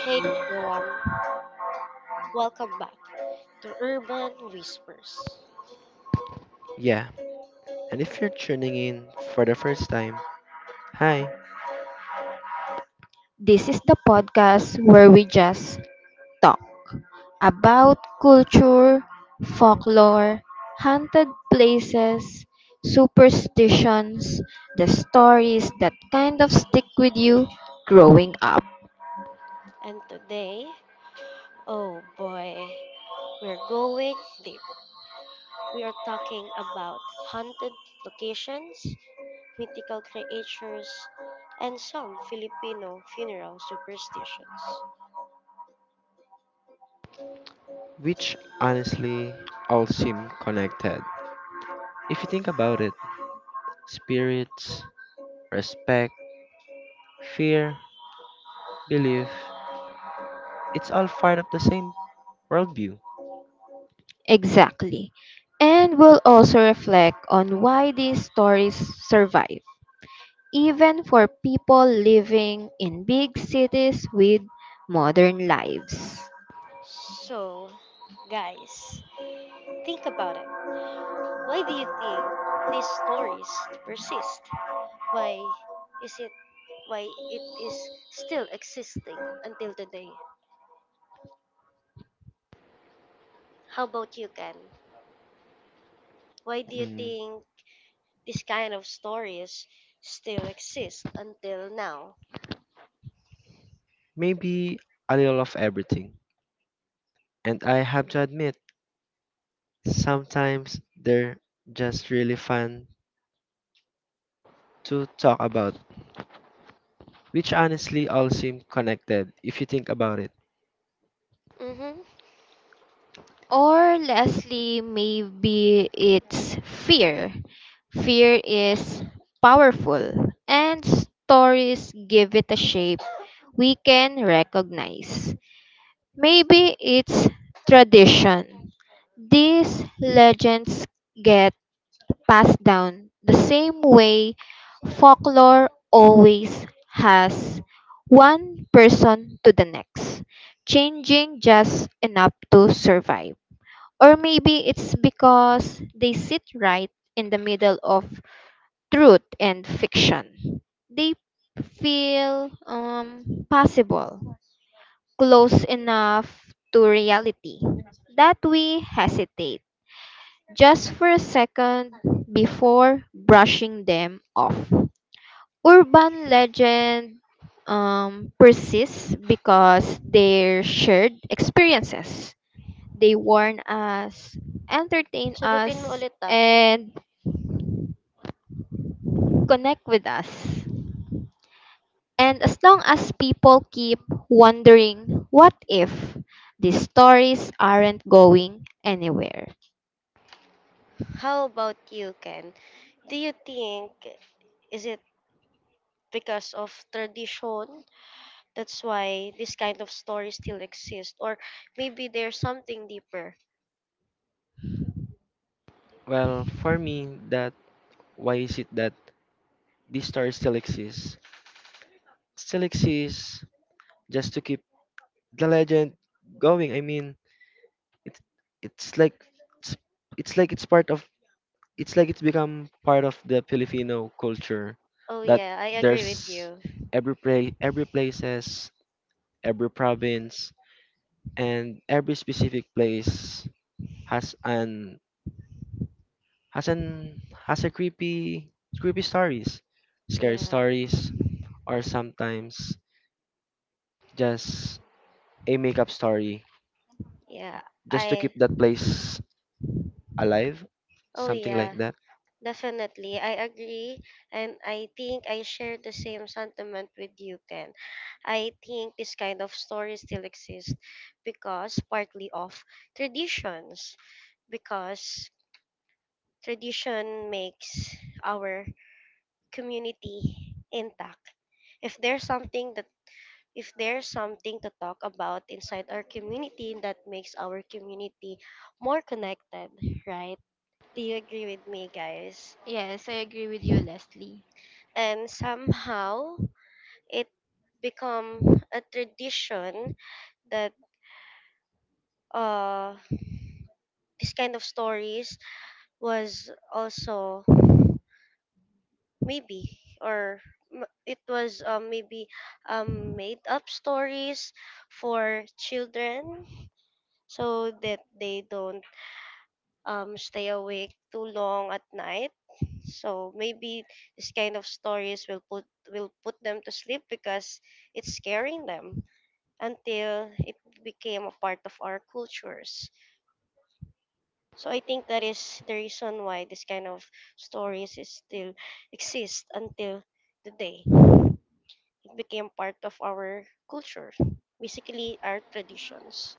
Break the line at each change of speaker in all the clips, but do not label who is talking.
Hey everyone, welcome back to Urban Whispers.
Yeah, and if you're tuning in for the first time, hi,
This is the podcast where we just talk about culture, folklore, haunted places, superstitions, the stories that kind of stick with you growing up.
And today, oh boy, we're going deep. We are talking about haunted locations, mythical creatures, and some Filipino funeral superstitions.
which honestly all seem connected. If you think about it, spirits, respect, fear, belief, it's all part of the same worldview.
Exactly. And we'll also reflect on why these stories survive, even for people living in big cities with modern lives.
So, guys, think about it. Why do you think these stories persist? Why is it why it is still existing until today? How about you, Ken? Why do you
Mm,
think this kind of stories still exist until now?
maybe a little of everything. And I have to admit, sometimes they're just really fun to talk about, which honestly all seem connected if you think about it.
Mhm.
Or lastly, maybe it's fear. Fear is powerful, and stories give it a shape we can recognize. Maybe it's tradition. These legends get passed down the same way folklore always has one person to the next, changing just enough to survive. Or maybe it's because they sit right in the middle of truth and fiction. They feel possible, close enough to reality that we hesitate just for a second before brushing them off. Urban legend persists because they're shared experiences, they warn us, entertain
Sagutin mo
us,
ulit ah.
and connect with us. And as long as people keep wondering, what if these stories aren't going anywhere?
How about you, Ken? Do you think is it because of tradition that's why this kind of story still exists or maybe there's something deeper?
Well, for me, that why is it that this story still exists? Still exists just to keep the legend going. I mean, it's it's like it's, it's like it's become part of the Filipino culture
Oh
that
yeah, I agree with
there's
you.
every place, every province, and every specific place has an has an has a creepy stories, scary
Yeah.
stories, or sometimes just a makeup story
Yeah,
just to keep
I,
that place alive,
oh
something like
yeah,
that.
definitely. I agree. And I think I share the same sentiment with you, Ken. I think this kind of story still exists because partly of traditions, because tradition makes our community intact. If there's something that if there's something to talk about inside our community that makes our community more connected, right? Do you agree with me, guys?
Yes, I agree with you, Leslie.
And somehow it become a tradition that uh this kind of stories was also maybe or m- it was maybe made up stories for children so that they don't stay awake too long at night, so maybe this kind of stories will put them to sleep because it's scaring them until it became a part of our cultures. So I think that is the reason why this kind of stories is still exist until today. It became part of our culture, basically our traditions.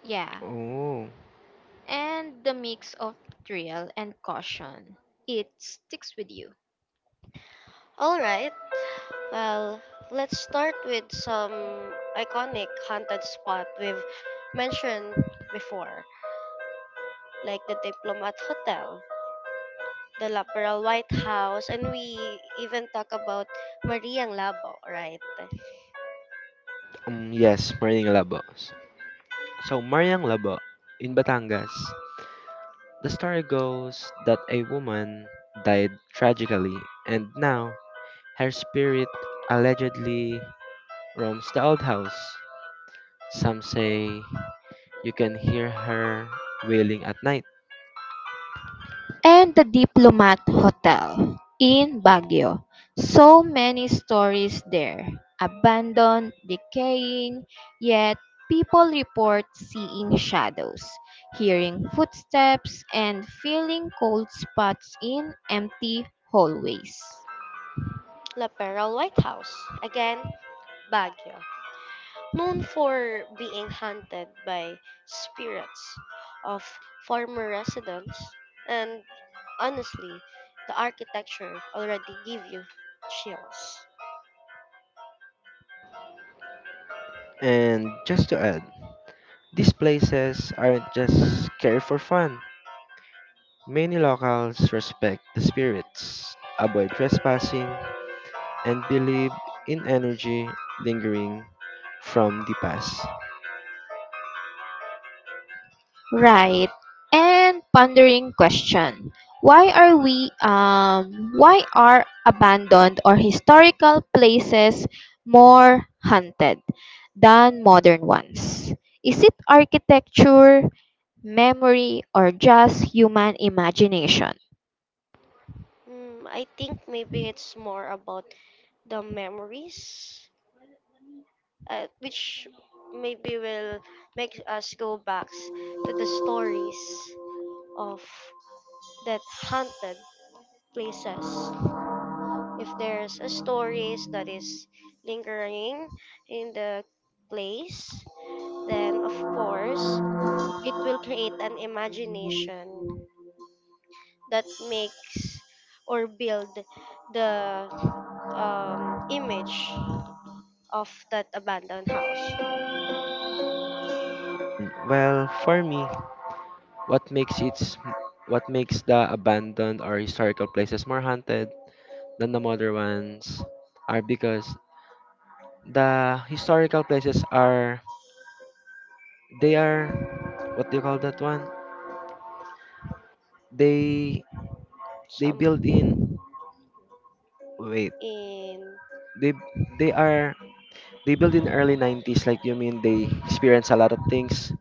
Yeah,
Oh,
and the mix of thrill and caution. It sticks with you.
All right. Well, let's start with some iconic haunted spot we've mentioned before, like the Diplomat Hotel, the Laperal White House, and we even talk about Mariang Labo, right?
yes, Mariang Labo. So Mariang Labo in Batangas. The story goes that a woman died tragically, and now her spirit allegedly roams the old house. Some say you can hear her wailing at night.
And the Diplomat Hotel in Baguio. So many stories there. Abandoned, decaying, yet people report seeing shadows, hearing footsteps, and feeling cold spots in empty hallways.
La Peral White House again, Baguio, known for being haunted by spirits of former residents, and honestly, the architecture already give you chills.
And just to add, these places aren't just scary for fun. Many locals respect the spirits, avoid trespassing, and believe in energy lingering from the past.
Right. And pondering question. Why are abandoned or historical places more haunted than modern ones? Is it architecture, memory, or just human imagination?
Mm, I think maybe it's more about the memories, which maybe will make us go back to the stories of that haunted places. If there's a stories that is lingering in the place, then of course it will create an imagination that makes or build the image of that abandoned house.
Well, for me, What makes its what makes the abandoned or historical places more haunted than the modern ones are because the historical places are they are what do you call that one? They they build
Some
in wait
in,
they they are they built in early 90s like you mean they experience a lot of things.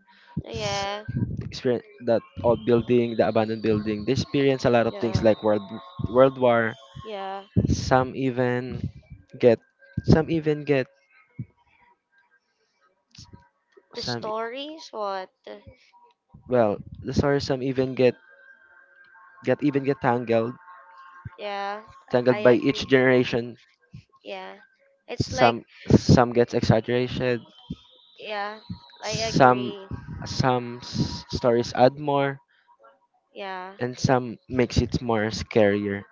s-
yeah,
Experience that old building, the abandoned building, they experience a lot of things
yeah,
like world war.
yeah,
Some even get some even get
the
Some,
stories what,
the stories some even get even get tangled,
yeah,
by
I
each
agree,
generation.
yeah, it's like,
Some gets exaggerated.
yeah, I
Some
agree,
stories add more,
yeah.
and some makes it more scarier,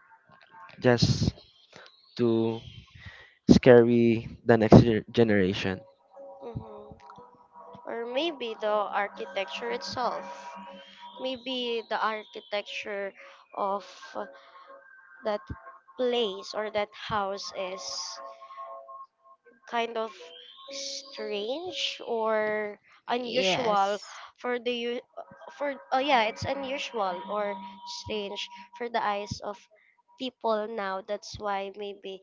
just to scary the next generation.
Mhm. Or maybe the architecture itself. Maybe the architecture of that place or that house is kind of strange or unusual for for, oh yeah, it's unusual or strange for the eyes of people now. That's why maybe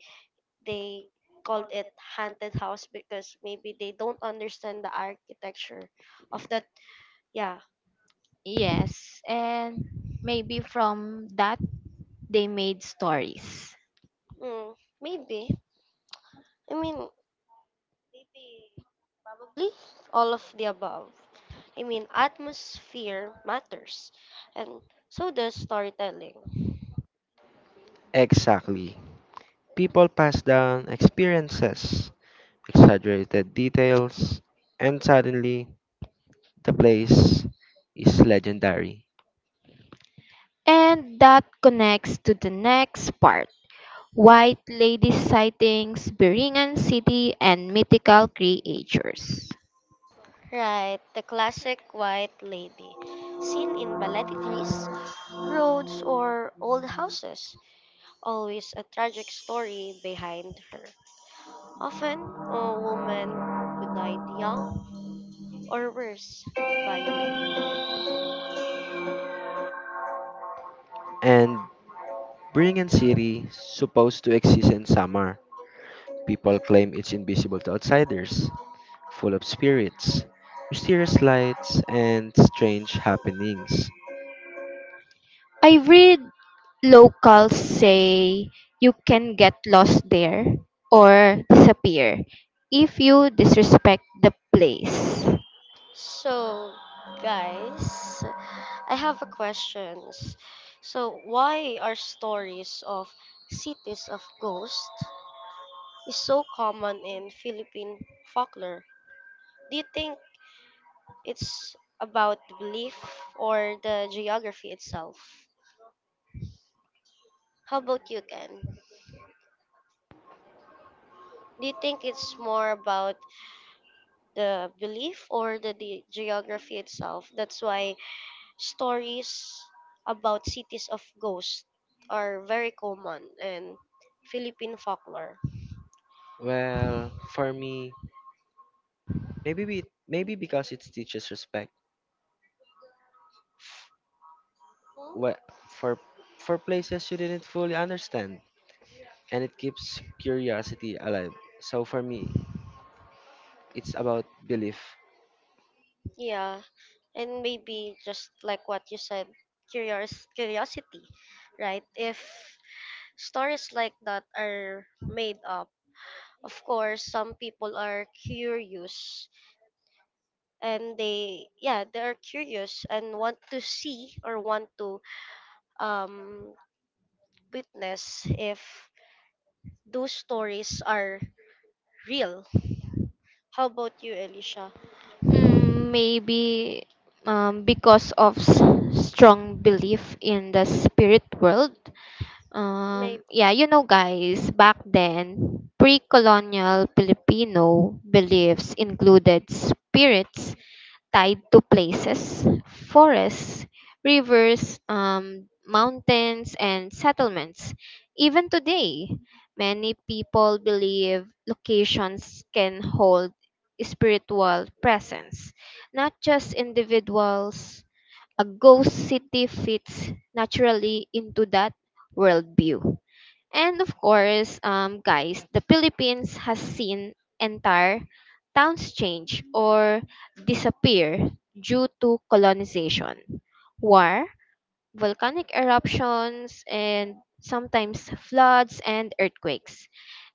they called it haunted house because maybe they don't understand the architecture of that. Yeah,
Yes, and maybe from that they made stories.
mm, maybe. I mean, really, all of the above. I mean, atmosphere matters, and so does storytelling.
Exactly. People pass down experiences, exaggerated details, and suddenly the place is legendary.
And that connects to the next part. White lady sightings, Beringan city, and mythical creatures.
Right, the classic white lady, seen in balete trees, roads, or old houses. Always a tragic story behind her. Often, a woman who died young, or worse, violent.
And Berlin City, supposed to exist in summer, people claim it's invisible to outsiders, full of spirits, mysterious lights, and strange happenings.
I read locals say you can get lost there or disappear if you disrespect the place.
So, guys, I have a questions. So, why are stories of cities of ghosts is so common in Philippine folklore? Do you think it's about the belief or the geography itself? How about you, Ken? Do you think it's more about the belief or the geography itself? That's why stories about cities of ghosts are very common in Philippine folklore.
Well, for me, maybe because it teaches respect f- wha- for places you didn't fully understand, and it keeps curiosity alive. So for me, it's about belief.
Yeah, and maybe just like what you said, curious curiosity, right? If stories like that are made up, of course, some people are curious and they, yeah, they are curious and want to see or want to um witness if those stories are real. How about you, Elisha?
Maybe because of strong belief in the spirit world.
Maybe.
Yeah, you know, guys, back then, pre colonial Filipino beliefs included spirits tied to places, forests, rivers, mountains, and settlements. Even today, many people believe locations can hold spiritual presence, not just individuals. A ghost city fits naturally into that worldview. And of course, guys, the Philippines has seen entire towns change or disappear due to colonization, war, volcanic eruptions, and sometimes floods and earthquakes.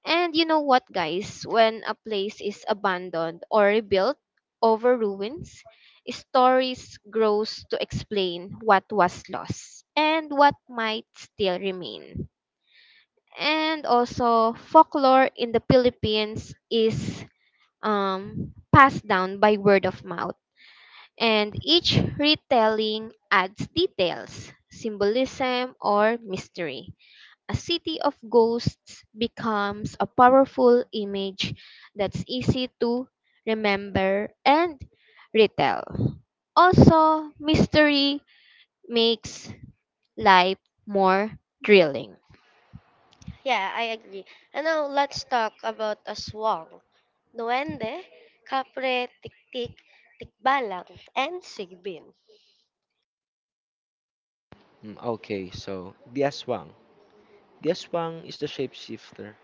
And you know what, guys? When a place is abandoned or rebuilt over ruins, stories grows to explain what was lost and what might still remain. And also folklore in the Philippines is passed down by word of mouth, and each retelling adds details, symbolism, or mystery. A city of ghosts becomes a powerful image that's easy to remember and retell. Also, mystery makes life more thrilling.
Yeah, I agree. And now let's talk about aswang, duende, kapre, tiktik, tikbalang, and sigbin.
Okay, so the aswang. The aswang is the shapeshifter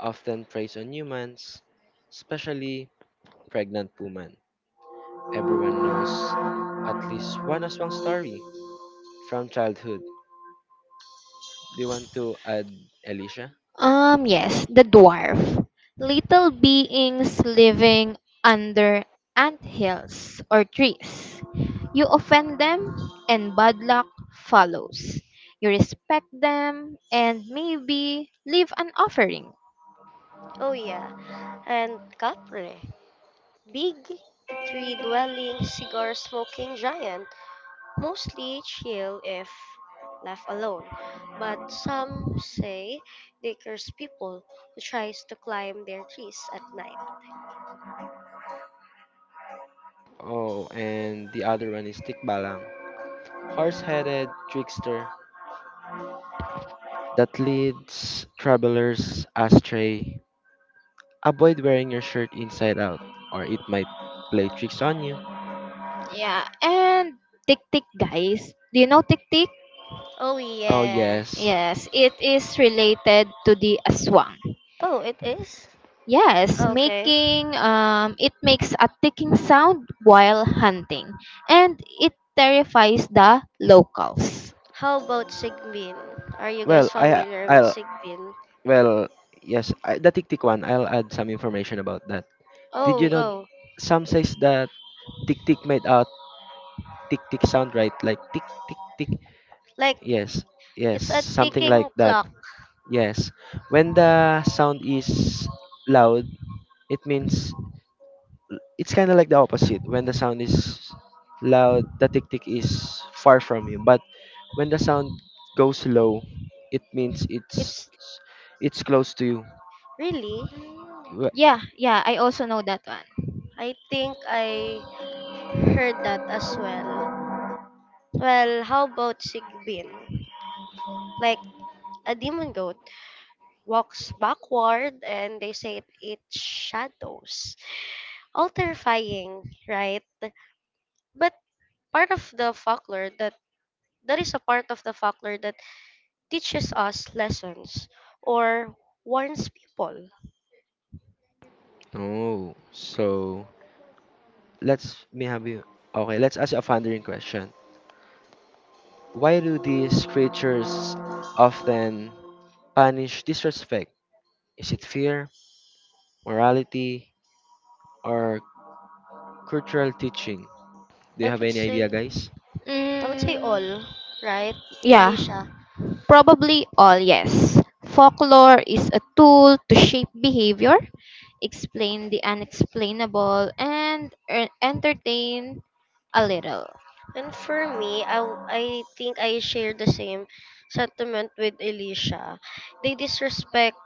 often preys on humans, especially pregnant women. Everyone knows at least one aswang story from childhood. Do you want to add, Alicia?
Yes, the dwarf. Little beings living under ant hills or trees. You offend them, and bad luck follows. You respect them, and maybe leave an offering.
Oh yeah, and kapre, big tree-dwelling, cigar-smoking giant, mostly chill if left alone. But some say they curse people who tries to climb their trees at night.
Oh, and the other one is Tikbalang, horse-headed trickster that leads travelers astray. Avoid wearing your shirt inside out, or it might play tricks on you.
Yeah, and tik tik, guys. Do you know tik tik?
Oh
Oh
yeah.
yes.
Yes, it is related to the aswang.
Oh, it is?
Yes,
Okay.
making it makes a ticking sound while hunting, and it terrifies the locals.
How about Sigbin? Are you guys
Well, I
familiar with
I'll
Sigbin?
well yes I, the tik tik one. I'll add some information about that. Did
Oh,
you know
Okay.
go.
some says that tick tick made a tick tick sound, right? Like tick tick tick.
Like,
Yes, yes,
it's a
something
ticking
like that.
clock.
Yes. When the sound is loud, it means it's kind of like the opposite. When the sound is loud, the tick tick is far from you. But when the sound goes low, it means
It's
it's close to you.
really,
Wh-
Yeah, yeah, I also know that one.
I think I heard that as well. Well, how about Sigbin? Like, a demon goat walks backward and they say it eats shadows. All terrifying, right? But part of the folklore that That is a part of the folklore that teaches us lessons or warns people.
Oh, so let's me have you. Okay, let's ask you a thundering question. Why do these creatures often punish disrespect? Is it fear, morality, or cultural teaching? Do you
I
have
would
any idea,
say
guys?
I would say Mm-hmm.
Mm,
all, right, Yeah.
yeah,
Delisha?
probably all yes. Folklore is a tool to shape behavior, explain the unexplainable, and entertain a little.
And for me, I think I share the same sentiment with Elisha. They disrespect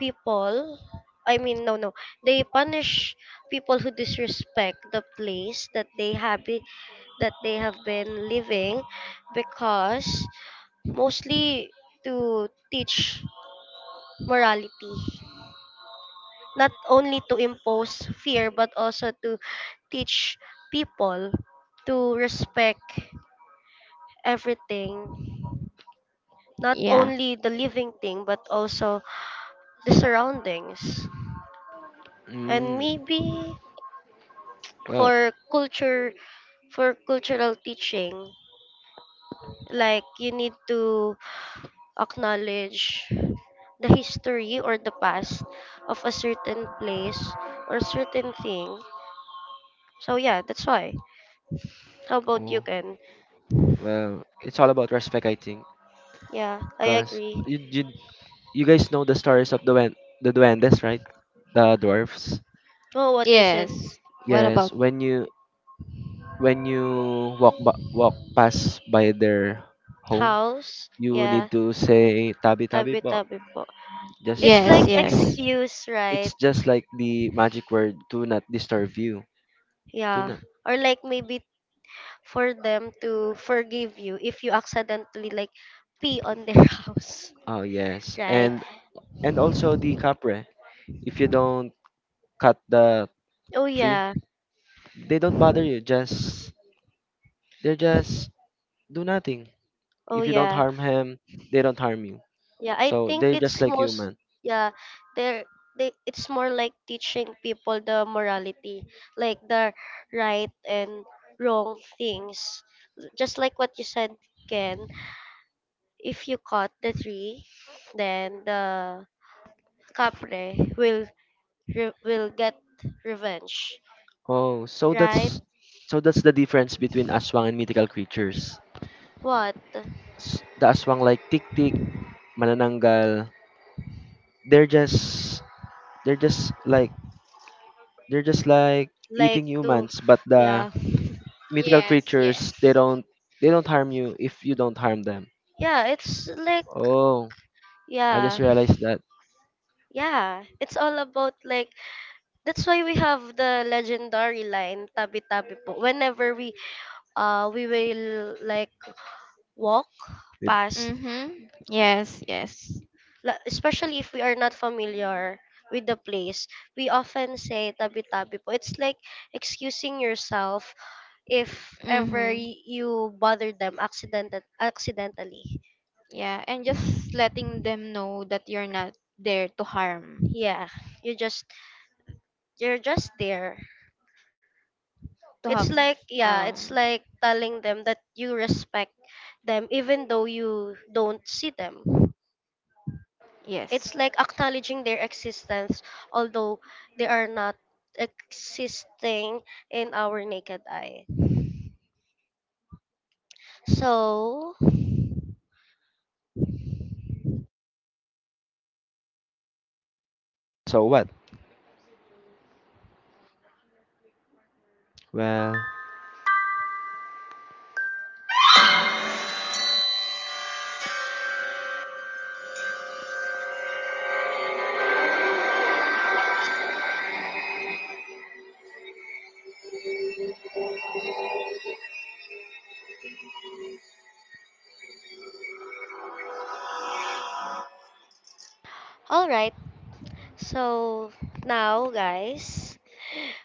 people. I mean, no, no. They punish people who disrespect the place that that they have been living, because mostly to teach morality, not only to impose fear, but also to teach people to respect everything, not only the living thing, but also the surroundings. And
Mm,
maybe
well,
for culture, for cultural teaching, like you need to acknowledge the history or the past of a certain place or certain thing. So yeah, that's why. How about you,
oh,
Ken?
well, it's all about respect, I think.
Yeah, I
Because
agree.
you guys know the stories of the duendes, right? The dwarfs.
Oh, what is it?
Yes. What
Yes,
about?
when you walk past by their home,
House?
you
Yeah,
need to say tabi tabi po.
tabi-tabi po. It's
Just
like
Yes, yes. Right?
excuse, right?
It's just
Like,
like the magic word, do not disturb you. Do
Yeah.
not.
Or like maybe for them to forgive you if you accidentally like pee on their house,
Oh yes,
right?
yeah.
and also the capre. If you don't cut the
Oh
tree,
yeah.
they don't bother you. Just They just do nothing.
Oh
If you don't
yeah.
harm him, they don't harm you.
Yeah, I
So
think
they're just
it's
like
most,
human.
yeah, they're they it's more like teaching people the morality, like the right and wrong things. Just like what you said, Ken, if you cut the tree, then the capre will get revenge,
Oh,
right?
so that's the difference between aswang and mythical creatures.
What?
The aswang like tik tik, manananggal. They're just they're just like They're just like
Like
eating
to,
humans, but the
yeah.
mythical
Yes,
creatures
yes.
they don't harm you if you don't harm them.
Yeah, it's like,
Oh, I just
yeah.
realized that.
Yeah, it's all about like that's why we have the legendary line, tabi-tabi po. Whenever we will like walk
We-
past,
Mhm. Yes, yes.
especially if we are not familiar with the place, we often say tabi-tabi po. It's like excusing yourself if ever you bother them accidentally.
Yeah, and just letting them know that you're not there to harm,
Yeah, you just you're just there.
to have
It's like, yeah, it's
um
like telling them that you respect them even though you don't see them.
yes.
It's like acknowledging their existence, although they are not existing in our naked eye. So,
So what? Well,
all right. So, now, guys,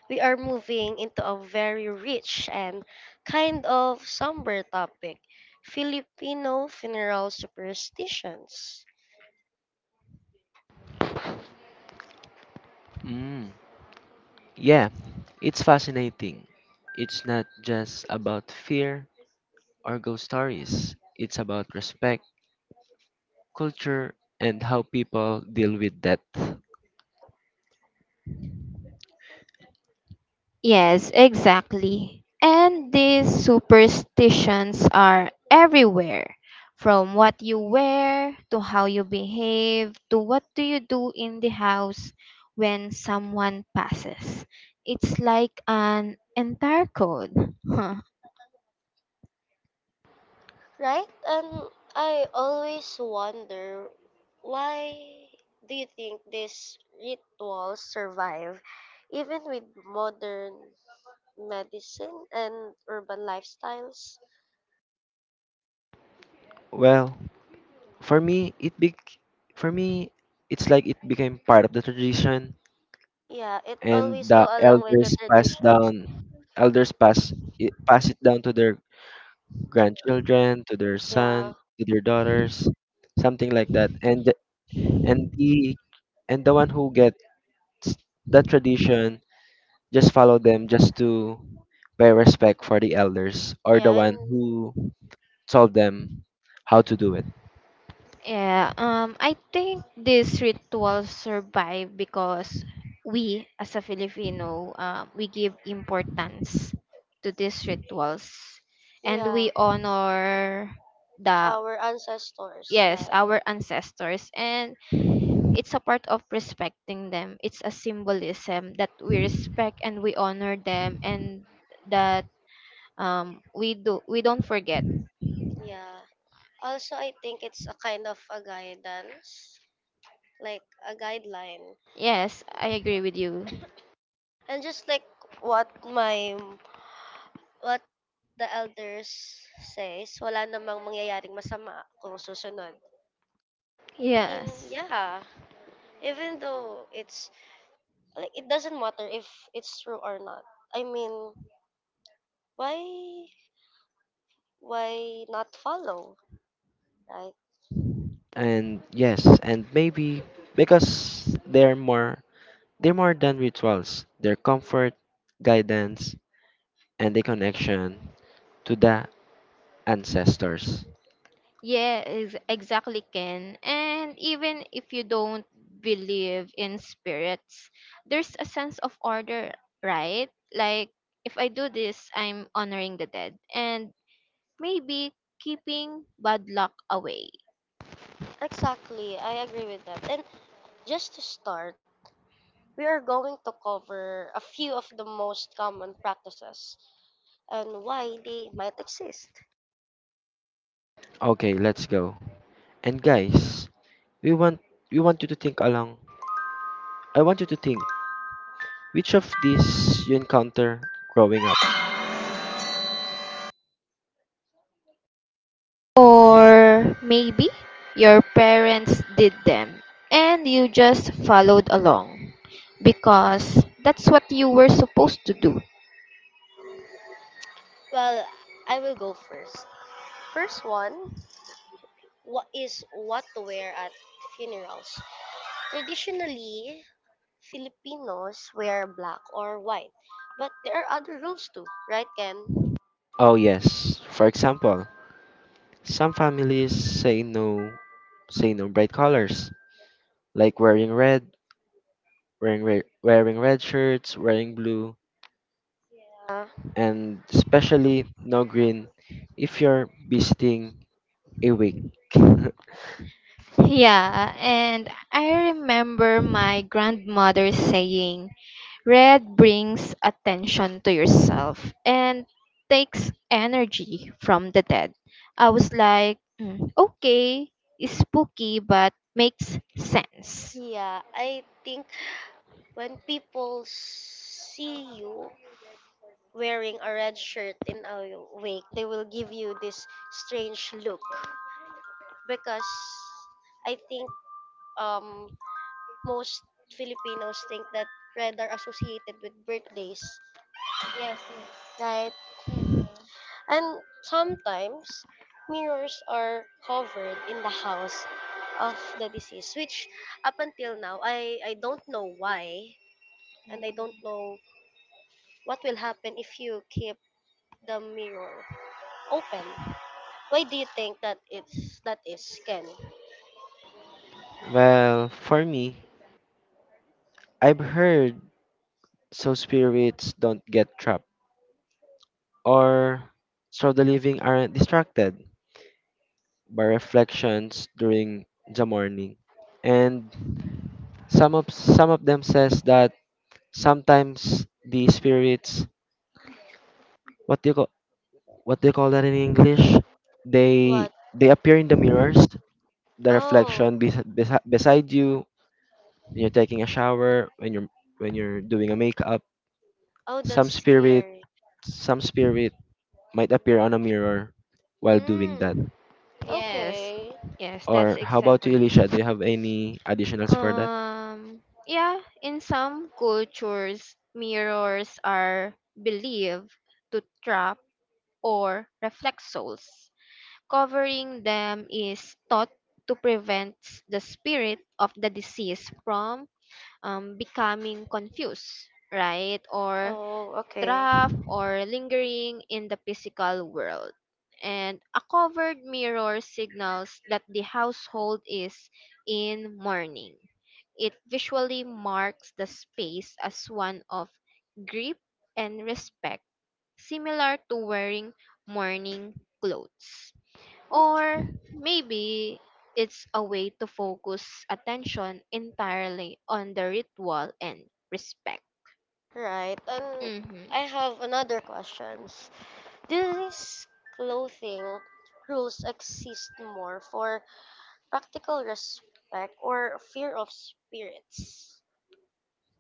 we are moving into a very rich and kind of somber topic Filipino funeral superstitions.
Mm. yeah, it's fascinating. It's not just about fear or ghost stories. It's about respect, culture, and how people deal with death.
Yes, exactly. And these superstitions are everywhere, from what you wear to how you behave to what do you do in the house when someone passes. It's like an entire code.
Right? And I always wonder why do you think these rituals survive even with modern medicine and urban lifestyles?
Well, for me it be, for me it's like it became part of the tradition,
Yeah, it
and
always go
the
along with the
elders pass
traditions.
down, elders pass it down to their grandchildren, to their son,
Yeah.
to their daughters, something like that. And the- and the and the one who gets that tradition just follow them just to pay respect for the elders or the
Yeah,
one
and
who told them how to do it.
Yeah, I think this ritual survive because we, as a Filipino, we give importance to these rituals, and
yeah,
we honor the
our ancestors,
yes
right?
our ancestors, and it's a part of respecting them. It's a symbolism that we respect and we honor them, and that we don't forget.
Yeah. Also, I think it's a kind of a guidance, like a guideline.
Yes, I agree with you.
And just like what my what the elders says, wala namang mangyayaring masama kung susunod. And
Yes.
yeah, even though it's like it doesn't matter if it's true or not. I mean, why why not follow, right?
And yes, and maybe because they're more than rituals, they're comfort, guidance, and a connection to the ancestors.
Yeah, exactly, Ken. And even if you don't believe in spirits, there's a sense of order, right? Like, if I do this, I'm honoring the dead and maybe keeping bad luck away.
Exactly. I agree with that. And just to start, we are going to cover a few of the most common practices and why they might exist.
Okay, let's go. And guys, we want we want you to think along. I want you to think Which of these you encounter growing up.
Or maybe your parents did them and you just followed along because that's what you were supposed to do.
Well, I will go first. First one, what is, what to wear at funerals? Traditionally, Filipinos wear black or white, but there are other rules too, right, Ken?
Oh yes, for example, some families say no bright colors, like wearing red, wearing red shirts, wearing blue,
Uh,
and especially no green if you're visiting a wake.
Yeah, and I remember my grandmother saying, "Red brings attention to yourself and takes energy from the dead." I was like, "Mm, okay, it's spooky, but makes sense."
yeah, I think when people see you wearing a red shirt in a wake, they will give you this strange look because I think um most Filipinos think that red are associated with birthdays,
Yes, yes.
right?
Hmm.
And sometimes mirrors are covered in the house of the deceased, which up until now I don't know why and I don't know what will happen if you keep the mirror open. Why do you think that it's that is, Ken?
Well, for me, I've heard so spirits don't get trapped, or so the living aren't distracted by reflections during the morning. And some of them says that sometimes the spirits, what do you call what do you call that in English? They
What?
appear in the mirrors, the
Oh,
reflection beside you when you're taking a shower, when you're doing a makeup.
oh, that's
Some spirit,
scary.
some spirit might appear on a mirror while doing that.
Mm.
Yes. Okay.
Okay.
Yes, that's
Or how about
exactly.
you, Elisha? Do you have any additionals for that?
Yeah, in some cultures, mirrors are believed to trap or reflexos. Covering them is thought to prevent the spirit of the deceased from becoming confused, right? Or
Oh, okay.
trapped or lingering in the physical world. And a covered mirror signals that the household is in mourning. It visually marks the space as one of grief and respect, similar to wearing morning clothes. Or
Okay.
maybe it's a way to focus attention entirely on the ritual and respect.
Right. And
Mm-hmm.
I have another question. These clothing rules exist more for practical respect or fear of spirits.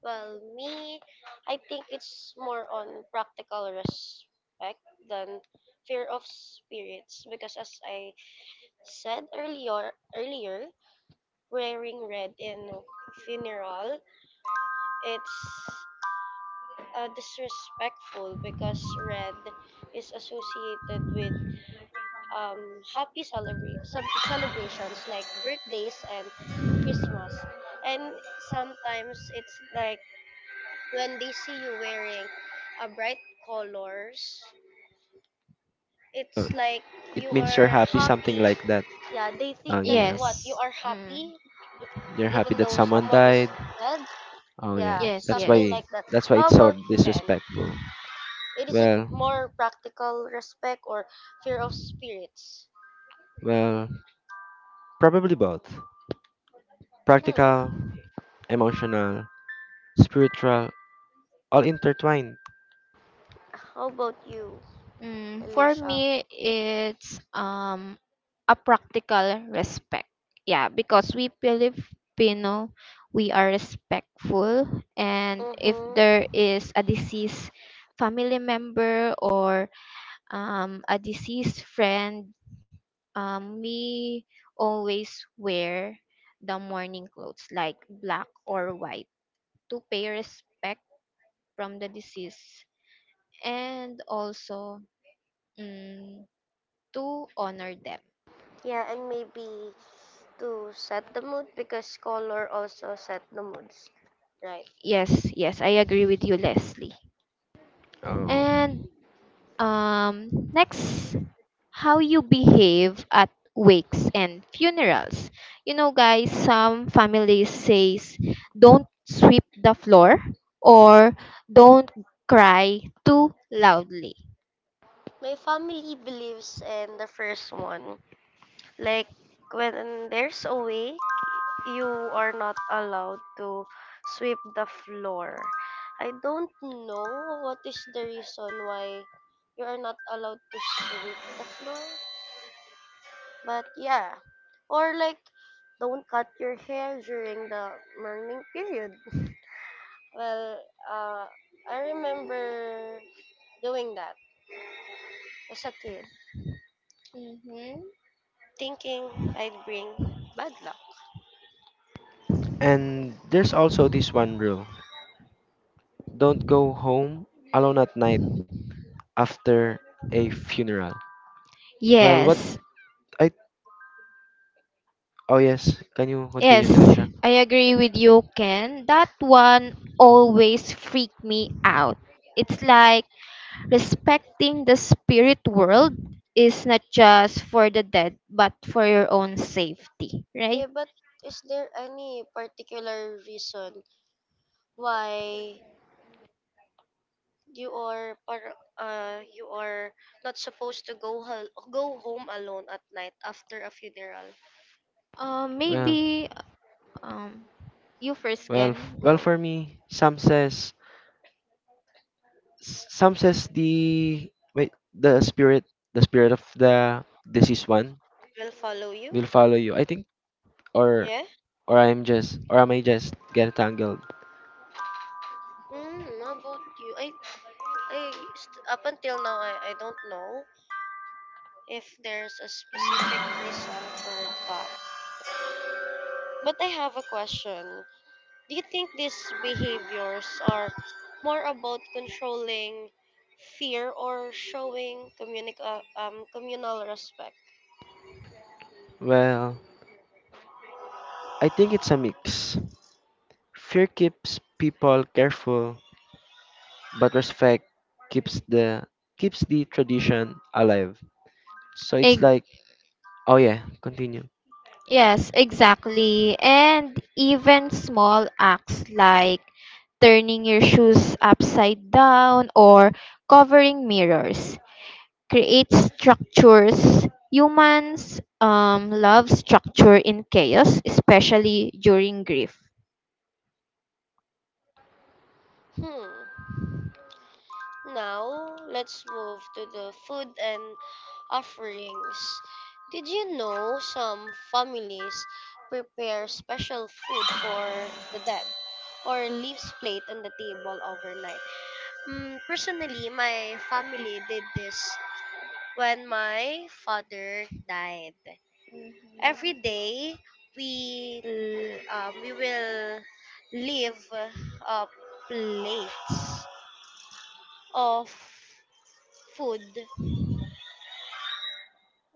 Well, me, I think it's more on practical respect than fear of spirits because as I said earlier, wearing red in funeral it's disrespectful because red is associated with happy celebrations like birthdays and Christmas. And sometimes it's like when they see you wearing a bright colors,
Uh,
it's like
it
you
means you're
are
happy, something
happy.
like that.
Yeah, they think
Oh
that
yeah,
what Yes.
Yes.
you are
Mm.
happy, b-
you're happy
even
that
though
someone
someone is
died.
dead.
Oh yeah,
Yeah, Yes.
Yes,
that's
something
yes.
why
like that. How
it's so
about you, Ken?
disrespectful.
It is it
Well,
more practical respect or fear of spirits?
well, probably both. Practical,
Hmm.
emotional, spiritual, all intertwined.
How about you,
Mm, for
Alicia?
me, it's a practical respect. Yeah, because we Filipino, we are respectful, and if
Mm-hmm.
there is a deceased family member or a deceased friend, we always wear the mourning clothes like black or white to pay respect from the deceased, and also, mm, to honor them.
Yeah, and maybe to set the mood because color also set the moods, right?
Yes, yes, I agree with you, Leslie.
Oh.
And next, how you behave at wakes and funerals. You know, guys, some families says don't sweep the floor or don't cry too loudly.
My family believes in the first one. Like when there's a way, you are not allowed to sweep the floor. I don't know what is the reason why you are not allowed to sweep the floor, but yeah. Or like don't cut your hair during the morning period. Well, uh, I remember doing that as a kid,
Mm-hmm.
thinking I'd bring bad luck.
And there's also this one rule: don't go home alone at night after a funeral. Well, what
Yes,
I. Oh, yes. Can you
yes,
continue, Alicia?
I agree with you, Ken. That one always freak me out. It's like, respecting the spirit world is not just for the dead, but for your own safety, right?
Yeah, but is there any particular reason why you are you are not supposed to go home alone at night after a funeral?
Uh,
Well,
maybe um, you first can go.
for me, some says. Some says the. Wait, the spirit. The spirit of the deceased one
Will follow you?
will follow you. I think. Or.
Yeah.
Or I'm just. Or am I just getting tangled?
Hmm. How about you? Up until now I don't know if there's a specific reason for that. But I have a question. Do you think these behaviors are more about controlling fear or showing communal respect?
Well. I think it's a mix. Fear keeps people careful, but respect keeps the tradition alive. So it's
Eg-
like, oh yeah, continue.
yes, exactly. And even small acts like turning your shoes upside down or covering mirrors create structures. Humans love structure in chaos, especially during grief.
Hmm. Now, let's move to the food and offerings. Did you know some families prepare special food for the dead or leaves plate on the table overnight? Personally, my family did this when my father died. Every day we will leave plates of food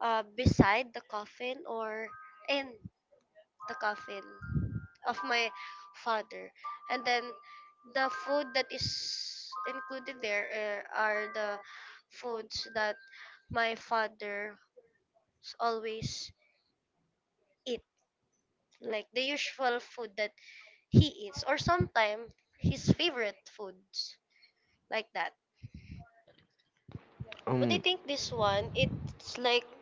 beside the coffin or in the coffin of my father, and then the food that is included there are the foods that my father always eat, like the usual food that he eats, or sometimes his favorite foods like that. But I
Um,
think this one, it's like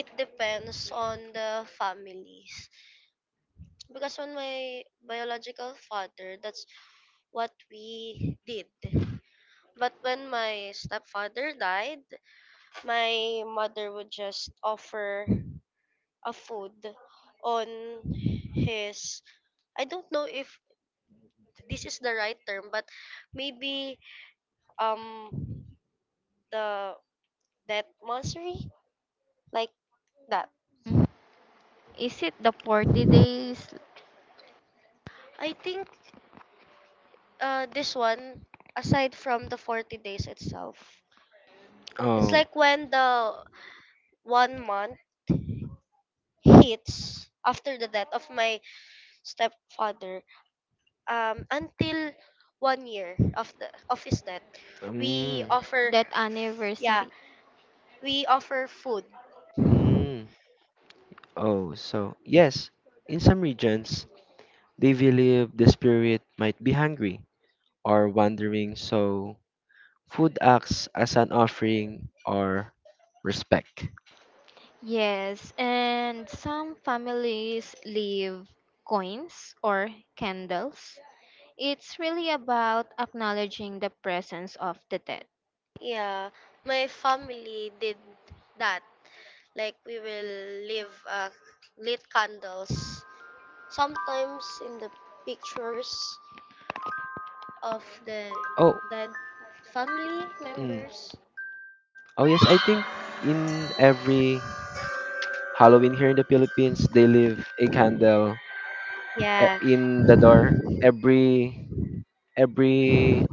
it depends on the families, because on my biological father that's what we did, but when my stepfather died my mother would just offer a food on his, I don't know if this is the right term but maybe um the death monastery like that.
Mm. Is it the 40 days,
I think this one aside from the 40 days itself. It's
oh,
like when the 1 month hits after the death of my stepfather, until 1 year of the of his death we
um,
offer.
that
Yeah,
anniversary?
we offer food.
mm, oh, so yes, in some regions they believe the spirit might be hungry or wandering, so food acts as an offering or respect.
Yes, and some families leave coins or candles. It's really about acknowledging the presence of the dead.
Yeah, my family did that. Like we will leave lit candles. Sometimes in the pictures of the
Oh,
dead family
mm.
members.
Oh yes, I think in every Halloween here in the Philippines, they leave a candle
Yeah,
in the door. Every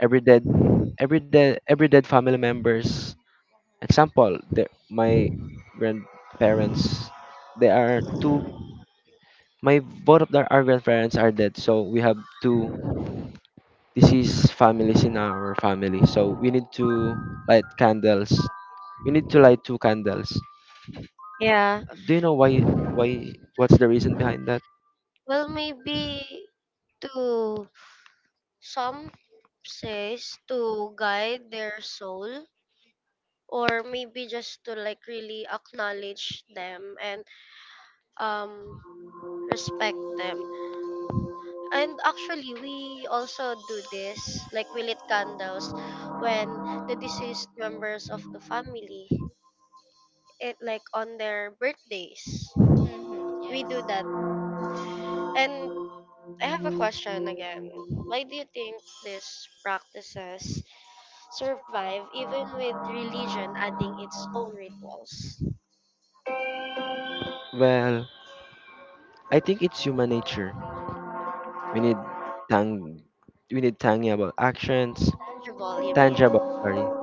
every dead every dead family members. Example, my grandparents, they are two. My both of their our grandparents are dead, so we have two this is families in our family, so we need to light candles light two candles.
yeah.
Do you know why what's the reason behind that?
Well, maybe to some, says to guide their soul, or maybe just to like really acknowledge them and um respect them. And actually we also do this, like we lit candles when the deceased members of the family, it like on their birthdays
Mhm,
we do that.
yes.
And I have a question again: why do you think these practices survive even with religion adding its own rituals?
Well, I think it's human nature. We need tang tangible actions,
Jabal, you mean.
tangible sorry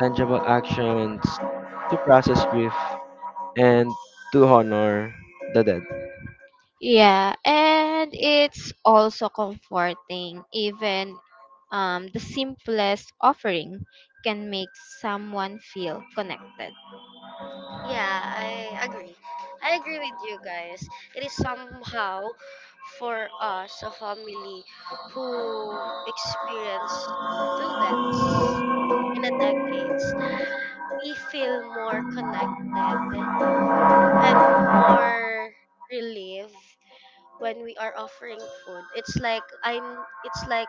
tangible actions to process grief and to honor the dead.
Yeah, and it's also comforting. Even the simplest offering can make someone feel connected.
Yeah, I agree. I agree with you guys. It is somehow for us, a family who experienced two deaths in a decades, we feel more connected and more relieved when we are offering food. It's like I'm it's like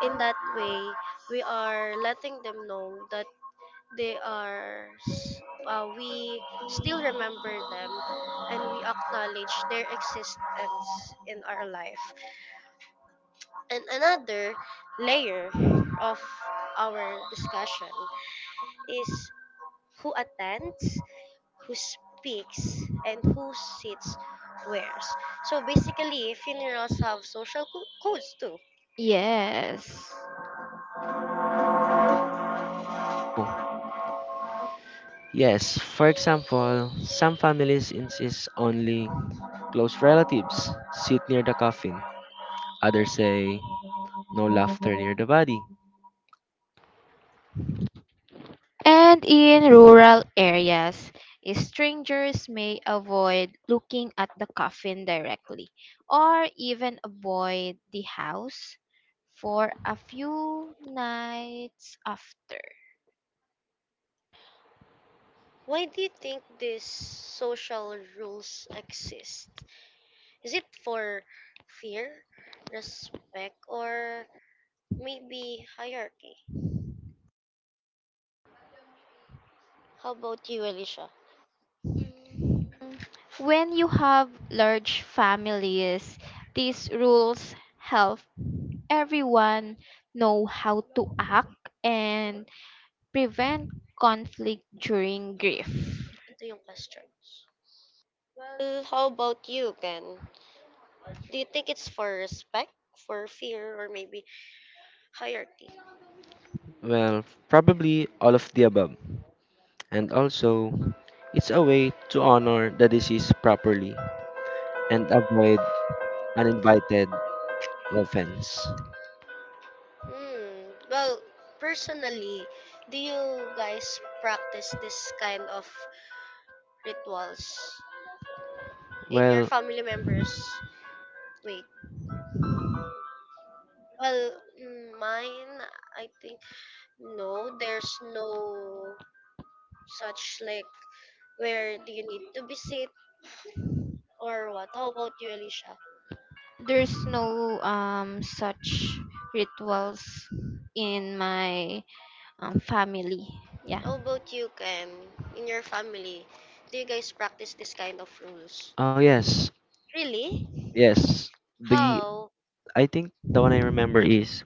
in that way we are letting them know that we still remember them and we acknowledge their existence in our life. And another layer of our discussion is who attends, who speaks, and who sits where. So basically funerals have codes too.
Yes.
Oh, yes, for example, some families insist only close relatives sit near the coffin. Others say, no laughter near the body.
And in rural areas, strangers may avoid looking at the coffin directly or even avoid the house for a few nights after.
Why do you think these social rules exist? Is it for fear, respect, or maybe hierarchy? How about you, Alicia?
Mm, When you have large families, these rules help everyone know how to act and prevent conflict during grief.
Ito yung questions. Well, how about you, Ken? Do you think it's for respect, for fear, or maybe hierarchy?
Well, probably all of the above. And also, it's a way to honor the deceased properly and avoid uninvited offense.
Hmm. Well, personally, do you guys practice this kind of rituals in your
Well,
family members? Wait. Well, mine, I think no. There's no such like where do you need to visit or what? How about you, Alicia?
There's no such rituals in my family. Yeah.
How about you, Ken? In your family, do you guys practice this kind of rules?
oh yes,
Really?
yes. The
How?
I think the one I remember is,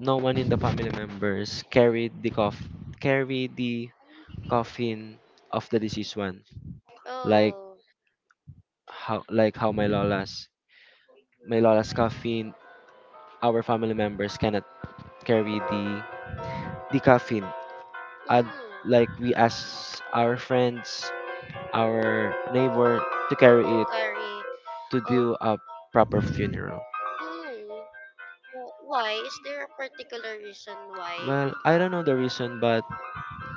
no one in the family members carried the coffin of the deceased one. Like
Oh,
how my lola's, coffin, our family members cannot carry the coffin. And
mm,
like we ask our friends, our neighbor to
to
carry it,
carry.
to
Oh,
do a proper funeral.
mm, why? Is there a particular reason why?
Well, I don't know the reason, but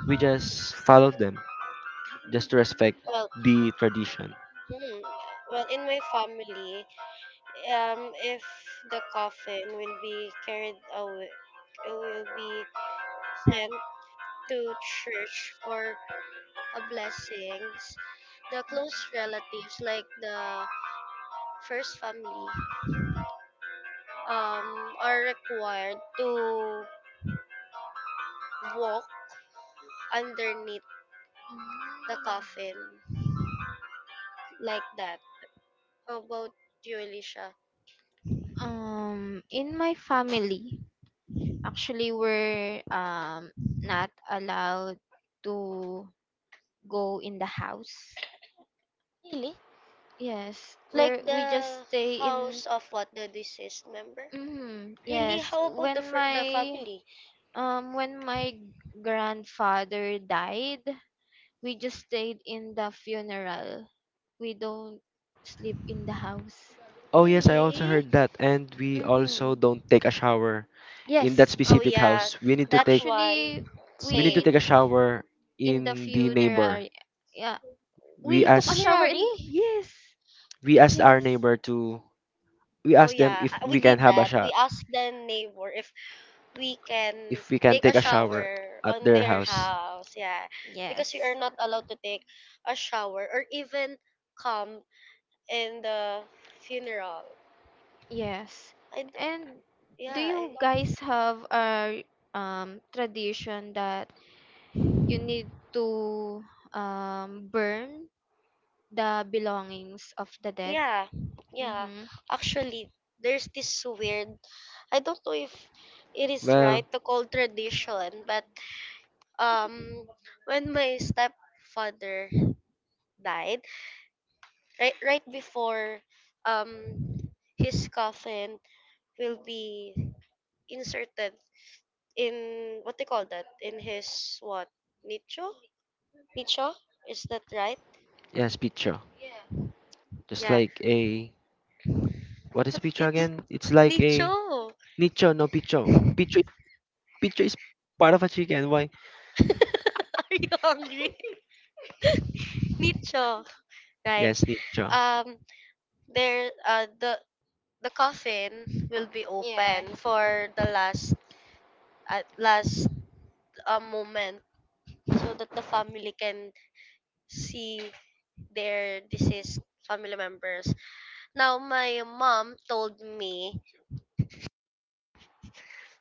we just followed them just to respect
Well,
the tradition.
hmm, well, in my family, if the coffin will be carried away, it will be sent to church for a blessings, the close relatives like the first family are required to walk underneath the coffin like that. How about you, Alicia?
In my family, actually, we're not allowed to go in the house.
Really?
Yes, where
Like
we just
the
stay
just
in.
house of what, the deceased
Mm-hmm.
member?
Mm. Really?
Really?
Yes,
How about
when
the
my
family?
when my grandfather died, we just stayed in the funeral. We don't sleep in the house.
Oh yes, I also
Really?
heard that. And we also
Mm-hmm.
don't take a shower in that
Yes,
Oh
specific
yeah,
house. We need to
that
take
actually
one.
same. We same.
a
Same.
shower
In the
in the neighbor.
funeral. Yeah,
We
we took a
ask
shower in
Funerary?
in? Yes.
we asked our
Yes.
neighbor to, we
Oh
asked them
yeah,
if
we
we can
did
have a
that. We
shower,
asked the neighbor if we can
if we can
take
take
a
a shower
shower
at
on
their
their
house.
house. Yeah, because
Yes.
we are not allowed to take a shower or even come in the funeral.
Yes.
I d-
And do
yeah,
you guys have a tradition that you need to burn the belongings of the dead?
yeah, yeah.
Mm-hmm.
Actually, there's this weird. I don't know if it is
Well,
right to call tradition, but um, when my stepfather died. Right right before um his coffin will be inserted in what they call that in his what, nicho, nicho, is that right?
yes, picho. Just
Yeah,
like a What is
but
picho
it's
again? It's like a
nicho.
nicho, no picho. Picho, picho is part of a chicken. Why?
Are you hungry? Nicho, right.
Yes, nicho.
um there, the coffin will be
Yeah.
open for the last, at last, moment so that the family can see their deceased family members. Now my mom told me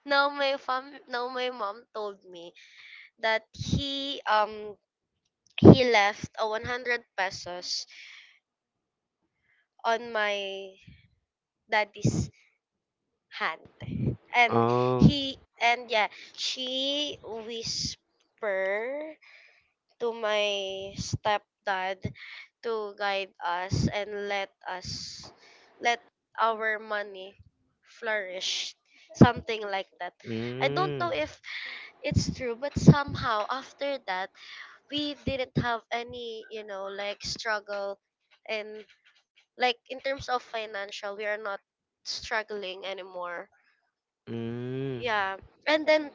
now my mom told me that he left a 100 pesos on my daddy's hand. And
Oh.
he and yeah, she whisper to my stepdad to guide us and let our money flourish, something like that. I don't
Mm,
know if it's true but somehow after that we didn't have any, you know, like struggle, and like in terms of financial we are not struggling anymore.
mm,
Yeah. And then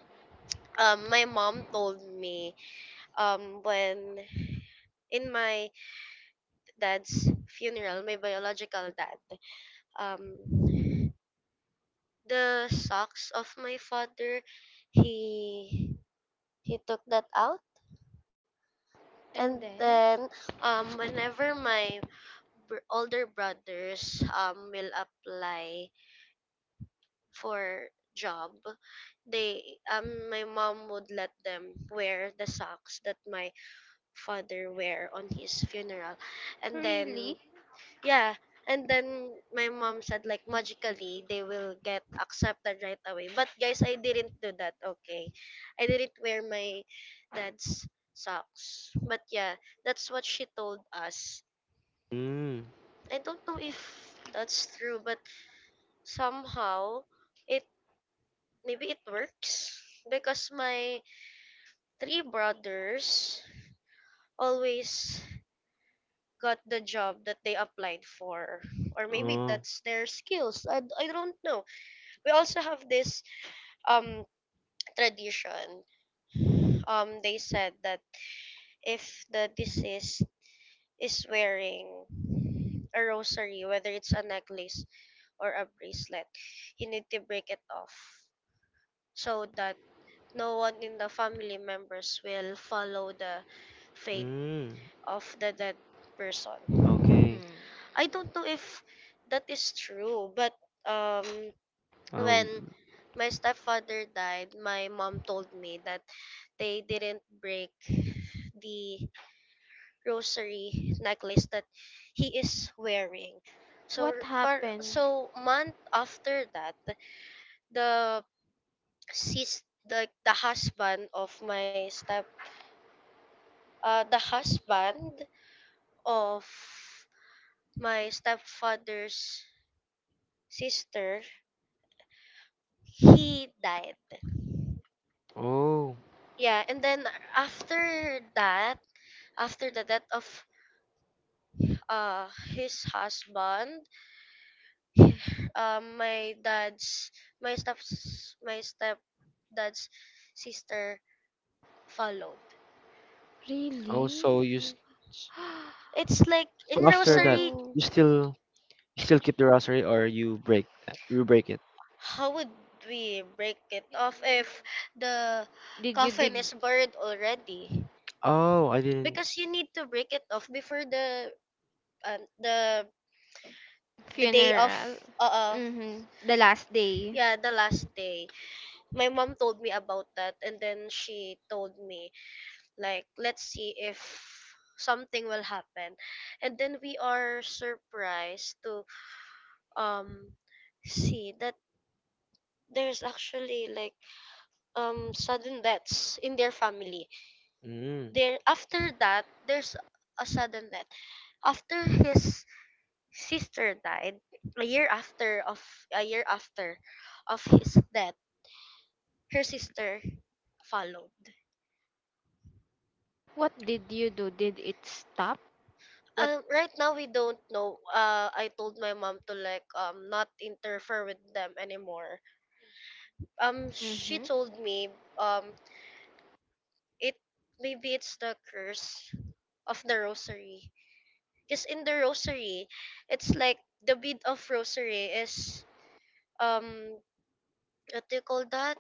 my mom told me, when in my dad's funeral, my biological dad, um, the socks of my father, he he took that out,
And
and
then
then whenever my older brothers will apply for job, they, um, my mom would let them wear the socks that my father wear on his funeral, and then
really?
yeah. And then my mom said like magically they will get accepted right away. But guys, I didn't do that. Okay. I didn't wear my dad's socks. But yeah, that's what she told us.
mm.
I don't know if that's true, but somehow it, maybe it works because my three brothers always got the job that they applied for, or maybe
Oh,
that's their skills. I don't know. We also have this um tradition. They said that if the deceased is wearing a rosary, whether it's a necklace or a bracelet, you need to break it off so that no one in the family members will follow the fate
mm.
of the dead person.
Okay.
Mm.
I don't know if that is true, but um
Um.
when my stepfather died, my mom told me that they didn't break the rosary necklace that he is wearing. So
What
par,
happened?
so month after that, the the husband of my step the husband of my stepfather's sister, he died.
Oh.
Yeah, and then after that, after the death of uh his husband, he- um my dad's my step my stepdad's sister followed.
Oh. So you.
Really?
S-
It's like in
So after that,
rosary.
So
you still keep the rosary or you break that? You break it.
How would we break it off if the
did you
coffin
dig
is buried already,
Oh, I didn't.
because you need to break it off before um, the the day of
funeral?
uh, uh
Mm-hmm. The last day.
yeah, the last day. My mom told me about that, and then she told me like let's see if something will happen, and then we are surprised to um see that there's actually like sudden deaths in their family.
Mm,
There after that there's a sudden death. After his sister died, a year after of, a year after of his death, her sister followed.
What did you do? Did it stop? What?
Right now we don't know. I told my mom to like not interfere with them anymore. She
Mm-hmm.
told me it, maybe it's the curse of the rosary. Cause in the rosary, it's like the bead of rosary is um what do you call that?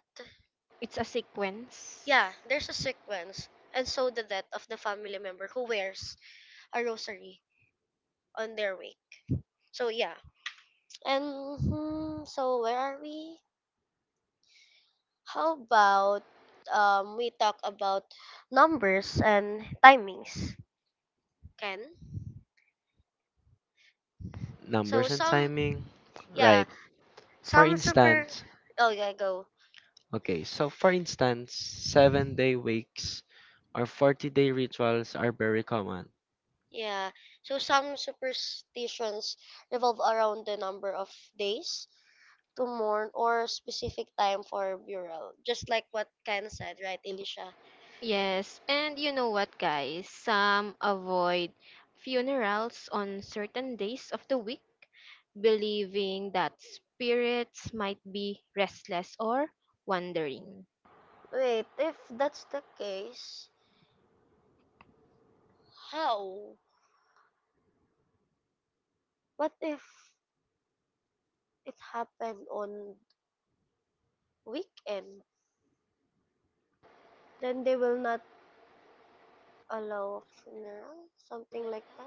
It's a sequence.
Yeah, there's a sequence, and so the death of the family member who wears a rosary on their way. So yeah, and hmm, so where are we? How about we talk about numbers and timings? Can, so
numbers and
some,
timing.
yeah,
Right. For
some super,
instance,
oh yeah go,
7-day wakes or 40-day rituals are very common.
yeah, so some superstitions revolve around the number of days to mourn or specific time for burial, just like what Ken said, right, Elisha?
Yes, and you know what, guys? Some avoid funerals on certain days of the week, believing that spirits might be restless or wandering.
Wait, if that's the case, how, what if it happened on weekend, then they will not A allow funeral, something like that.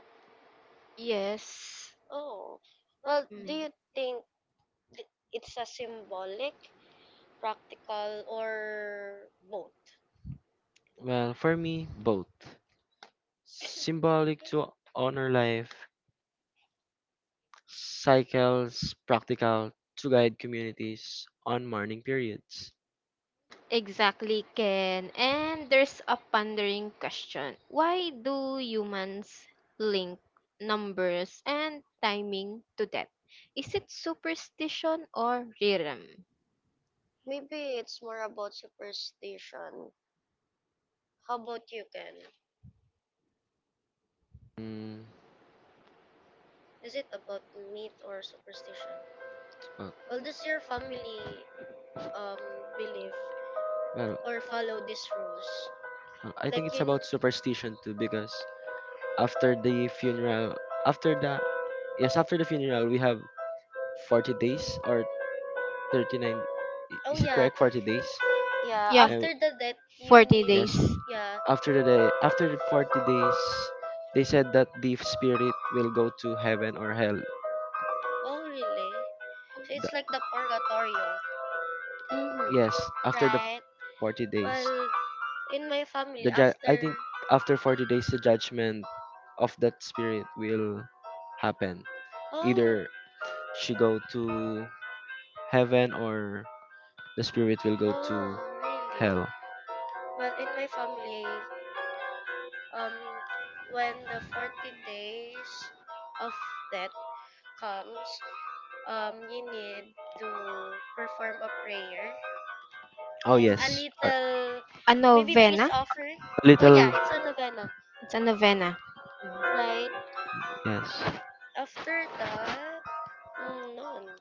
Yes.
Oh, well, do you
Mm.
think it's a symbolic, practical, or both?
Well, for me, both. Symbolic to honor life, cycles, practical to guide communities on mourning periods.
Exactly, Ken. And there's a pondering question. Why do humans link numbers and timing to death? Is it superstition or rhythm?
Maybe it's more about superstition. How about you, Ken?
Mm,
Is it about myth or superstition?
well,
Well, does your family um believe
well,
or follow these rules?
well, I think
Like
it's
you,
about superstition too, because after the funeral, after the yes, after the funeral we have 40 days or 39,
oh
is it
yeah,
correct, 40 days?
yeah.
Yeah,
uh,
After the death, you
40
need,
days.
yes
yeah.
after the day after the 40 days, they said that the spirit will go to heaven or hell.
Oh really? So it's
The-
like the purgatorio.
Mhm.
yes, after the
Right.
40 days,
Well, in my family,
I
after.
think after 40 days the judgment of that spirit will happen,
Oh,
either she go to heaven or the spirit will go to
oh, really?
hell.
Well, in my family, um, when the 40 days of death comes, you need to perform a prayer
Oh
and a
Yes.
yes.
little,
A
maybe peace
novena?
offering.
A
Oh, yeah,
little.
it's a novena,
It's a novena.
right?
Yes.
After that, mm, no.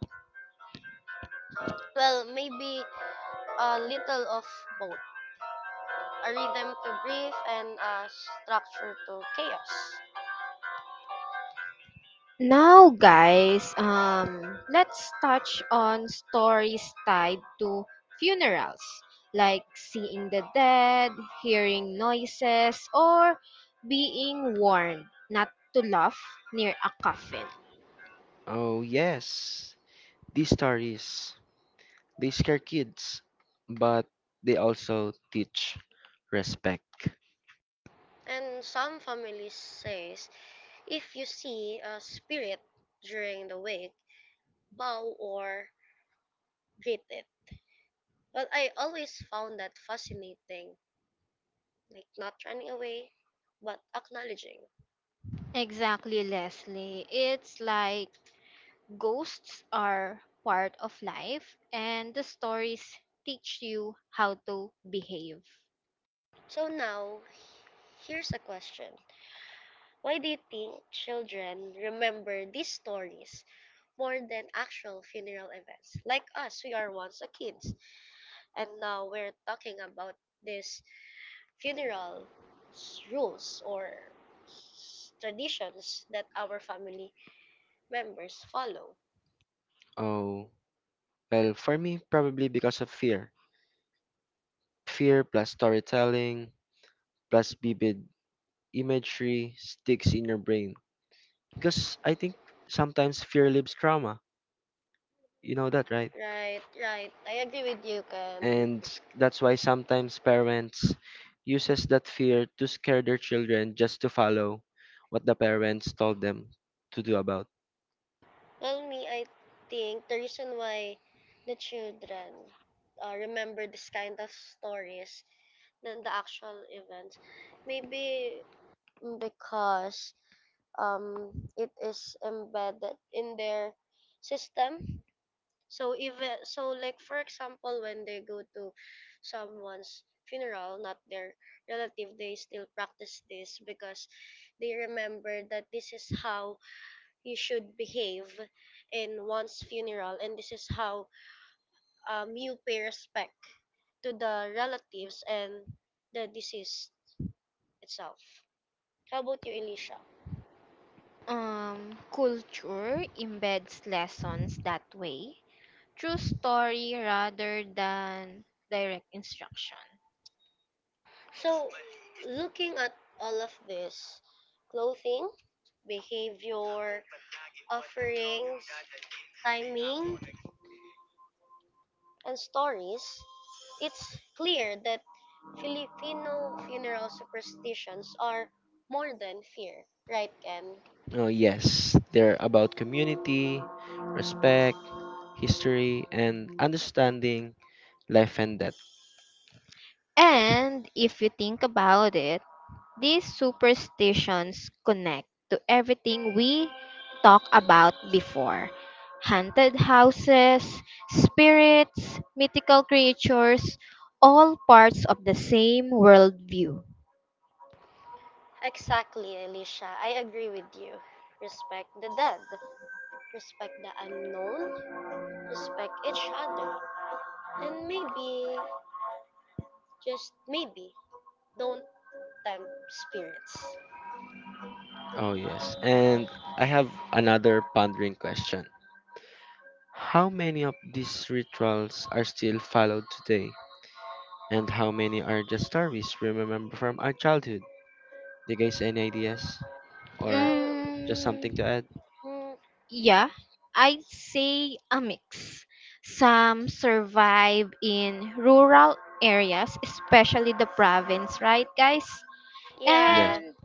Well, maybe a little of both. A rhythm to grief, and a structure to chaos.
Now, guys, let's touch on stories tied to funerals, like seeing the dead, hearing noises, or being warned not to laugh near a coffin.
Oh, yes. These stories, they scare kids, but they also teach respect.
And some families says, if you see a spirit during the wake, bow or greet it. But I always found that fascinating, like not running away, but acknowledging.
Exactly, Leslie. It's like ghosts are part of life, and the stories teach you how to behave.
So now, here's a question. Why do you think children remember these stories more than actual funeral events? Like us, we are once a kids. And now we're talking about these funeral rules or traditions that our family members follow.
Oh, well, for me, probably because of fear. Fear plus storytelling plus vivid imagery sticks in your brain. Because I think sometimes fear leaves trauma. You know that, right?
Right, right. I agree with you, Ken.
And that's why sometimes parents uses that fear to scare their children just to follow what the parents told them to do about.
Well, me, I think the reason why the children remember this kind of stories than the actual events, maybe because it is embedded in their system. So even so, like for example, when they go to someone's funeral, not their relative, they still practice this because they remember that this is how you should behave in one's funeral, and this is how you pay respect to the relatives and the deceased itself. How about you, Elisha?
Culture embeds lessons that way through story rather than direct instruction.
So, looking at all of this, clothing, behavior, offerings, timing, and stories, it's clear that Filipino funeral superstitions are more than fear, right, Ken?
Oh yes, they're about community, respect, history, and understanding life and death.
And if you think about it, these superstitions connect to everything we talked about before: haunted houses, spirits, mythical creatures, all parts of the same worldview.
Exactly, Alicia. I agree with you. Respect the dead, respect the unknown, respect each other, and maybe, just maybe, don't tempt spirits.
Oh yes, and I have another pondering question. How many of these rituals are still followed today, and how many are just stories we remember from our childhood? Do you guys any ideas, or
Well,
just something to
Mm.
add?
mm,
Yeah, I'd say a mix. Some survive in rural areas, especially the province, right, guys?
Yes.
yeah,
And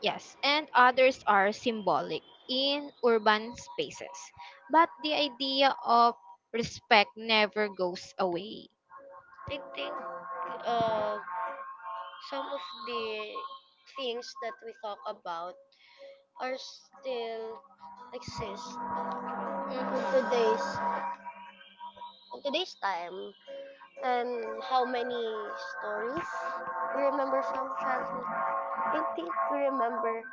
yes, and others are symbolic in urban spaces. But the idea of respect never goes away.
I think uh, some of the things that we talk about are still exist in, mm-hmm, today's,
Mhm.
in today's time. And how many stories we remember from childhood, I think we remember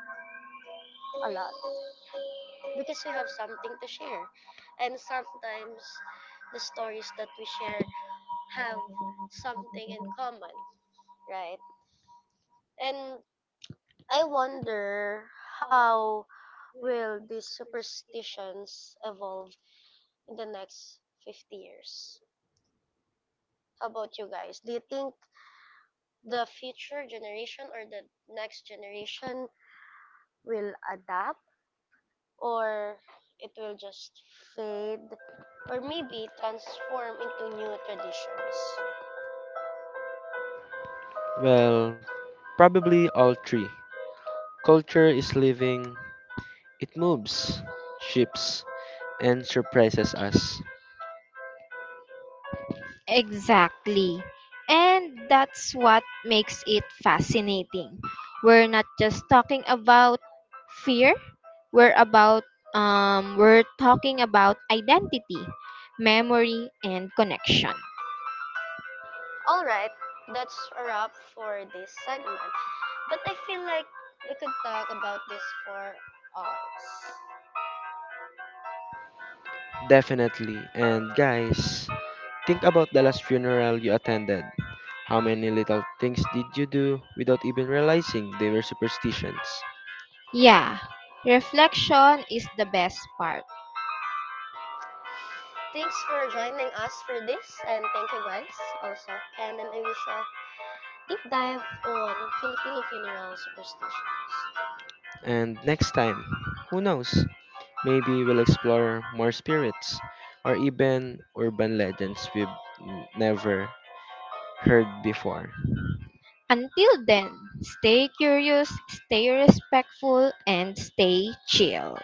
a lot because we have something to share, and sometimes the stories that we share have something in common, right? And I wonder how will these superstitions evolve in the next 50 years. How about you guys? Do you think the future generation or the next generation will adapt, or it will just fade, or maybe transform into new traditions?
Well, probably all three. Culture is living, it moves, shifts, and surprises us.
Exactly. And that's what makes it fascinating. We're not just talking about fear, we're about we're talking about identity, memory, and connection.
All right, that's a wrap for this segment. But I feel like we could talk about this for hours.
Definitely. And guys, think about the last funeral you attended. How many little things did you do without even realizing they were superstitions?
Yeah,
Yeah,
reflection.
reflection is the best part.
Thanks for joining us for this, and thank you guys also, Ken and Alicia. Deep dive on Filipino funeral superstitions.
And next time, who knows? Maybe we'll explore more spirits or even urban legends we've never heard before.
Until then, stay curious, stay respectful, and stay chill.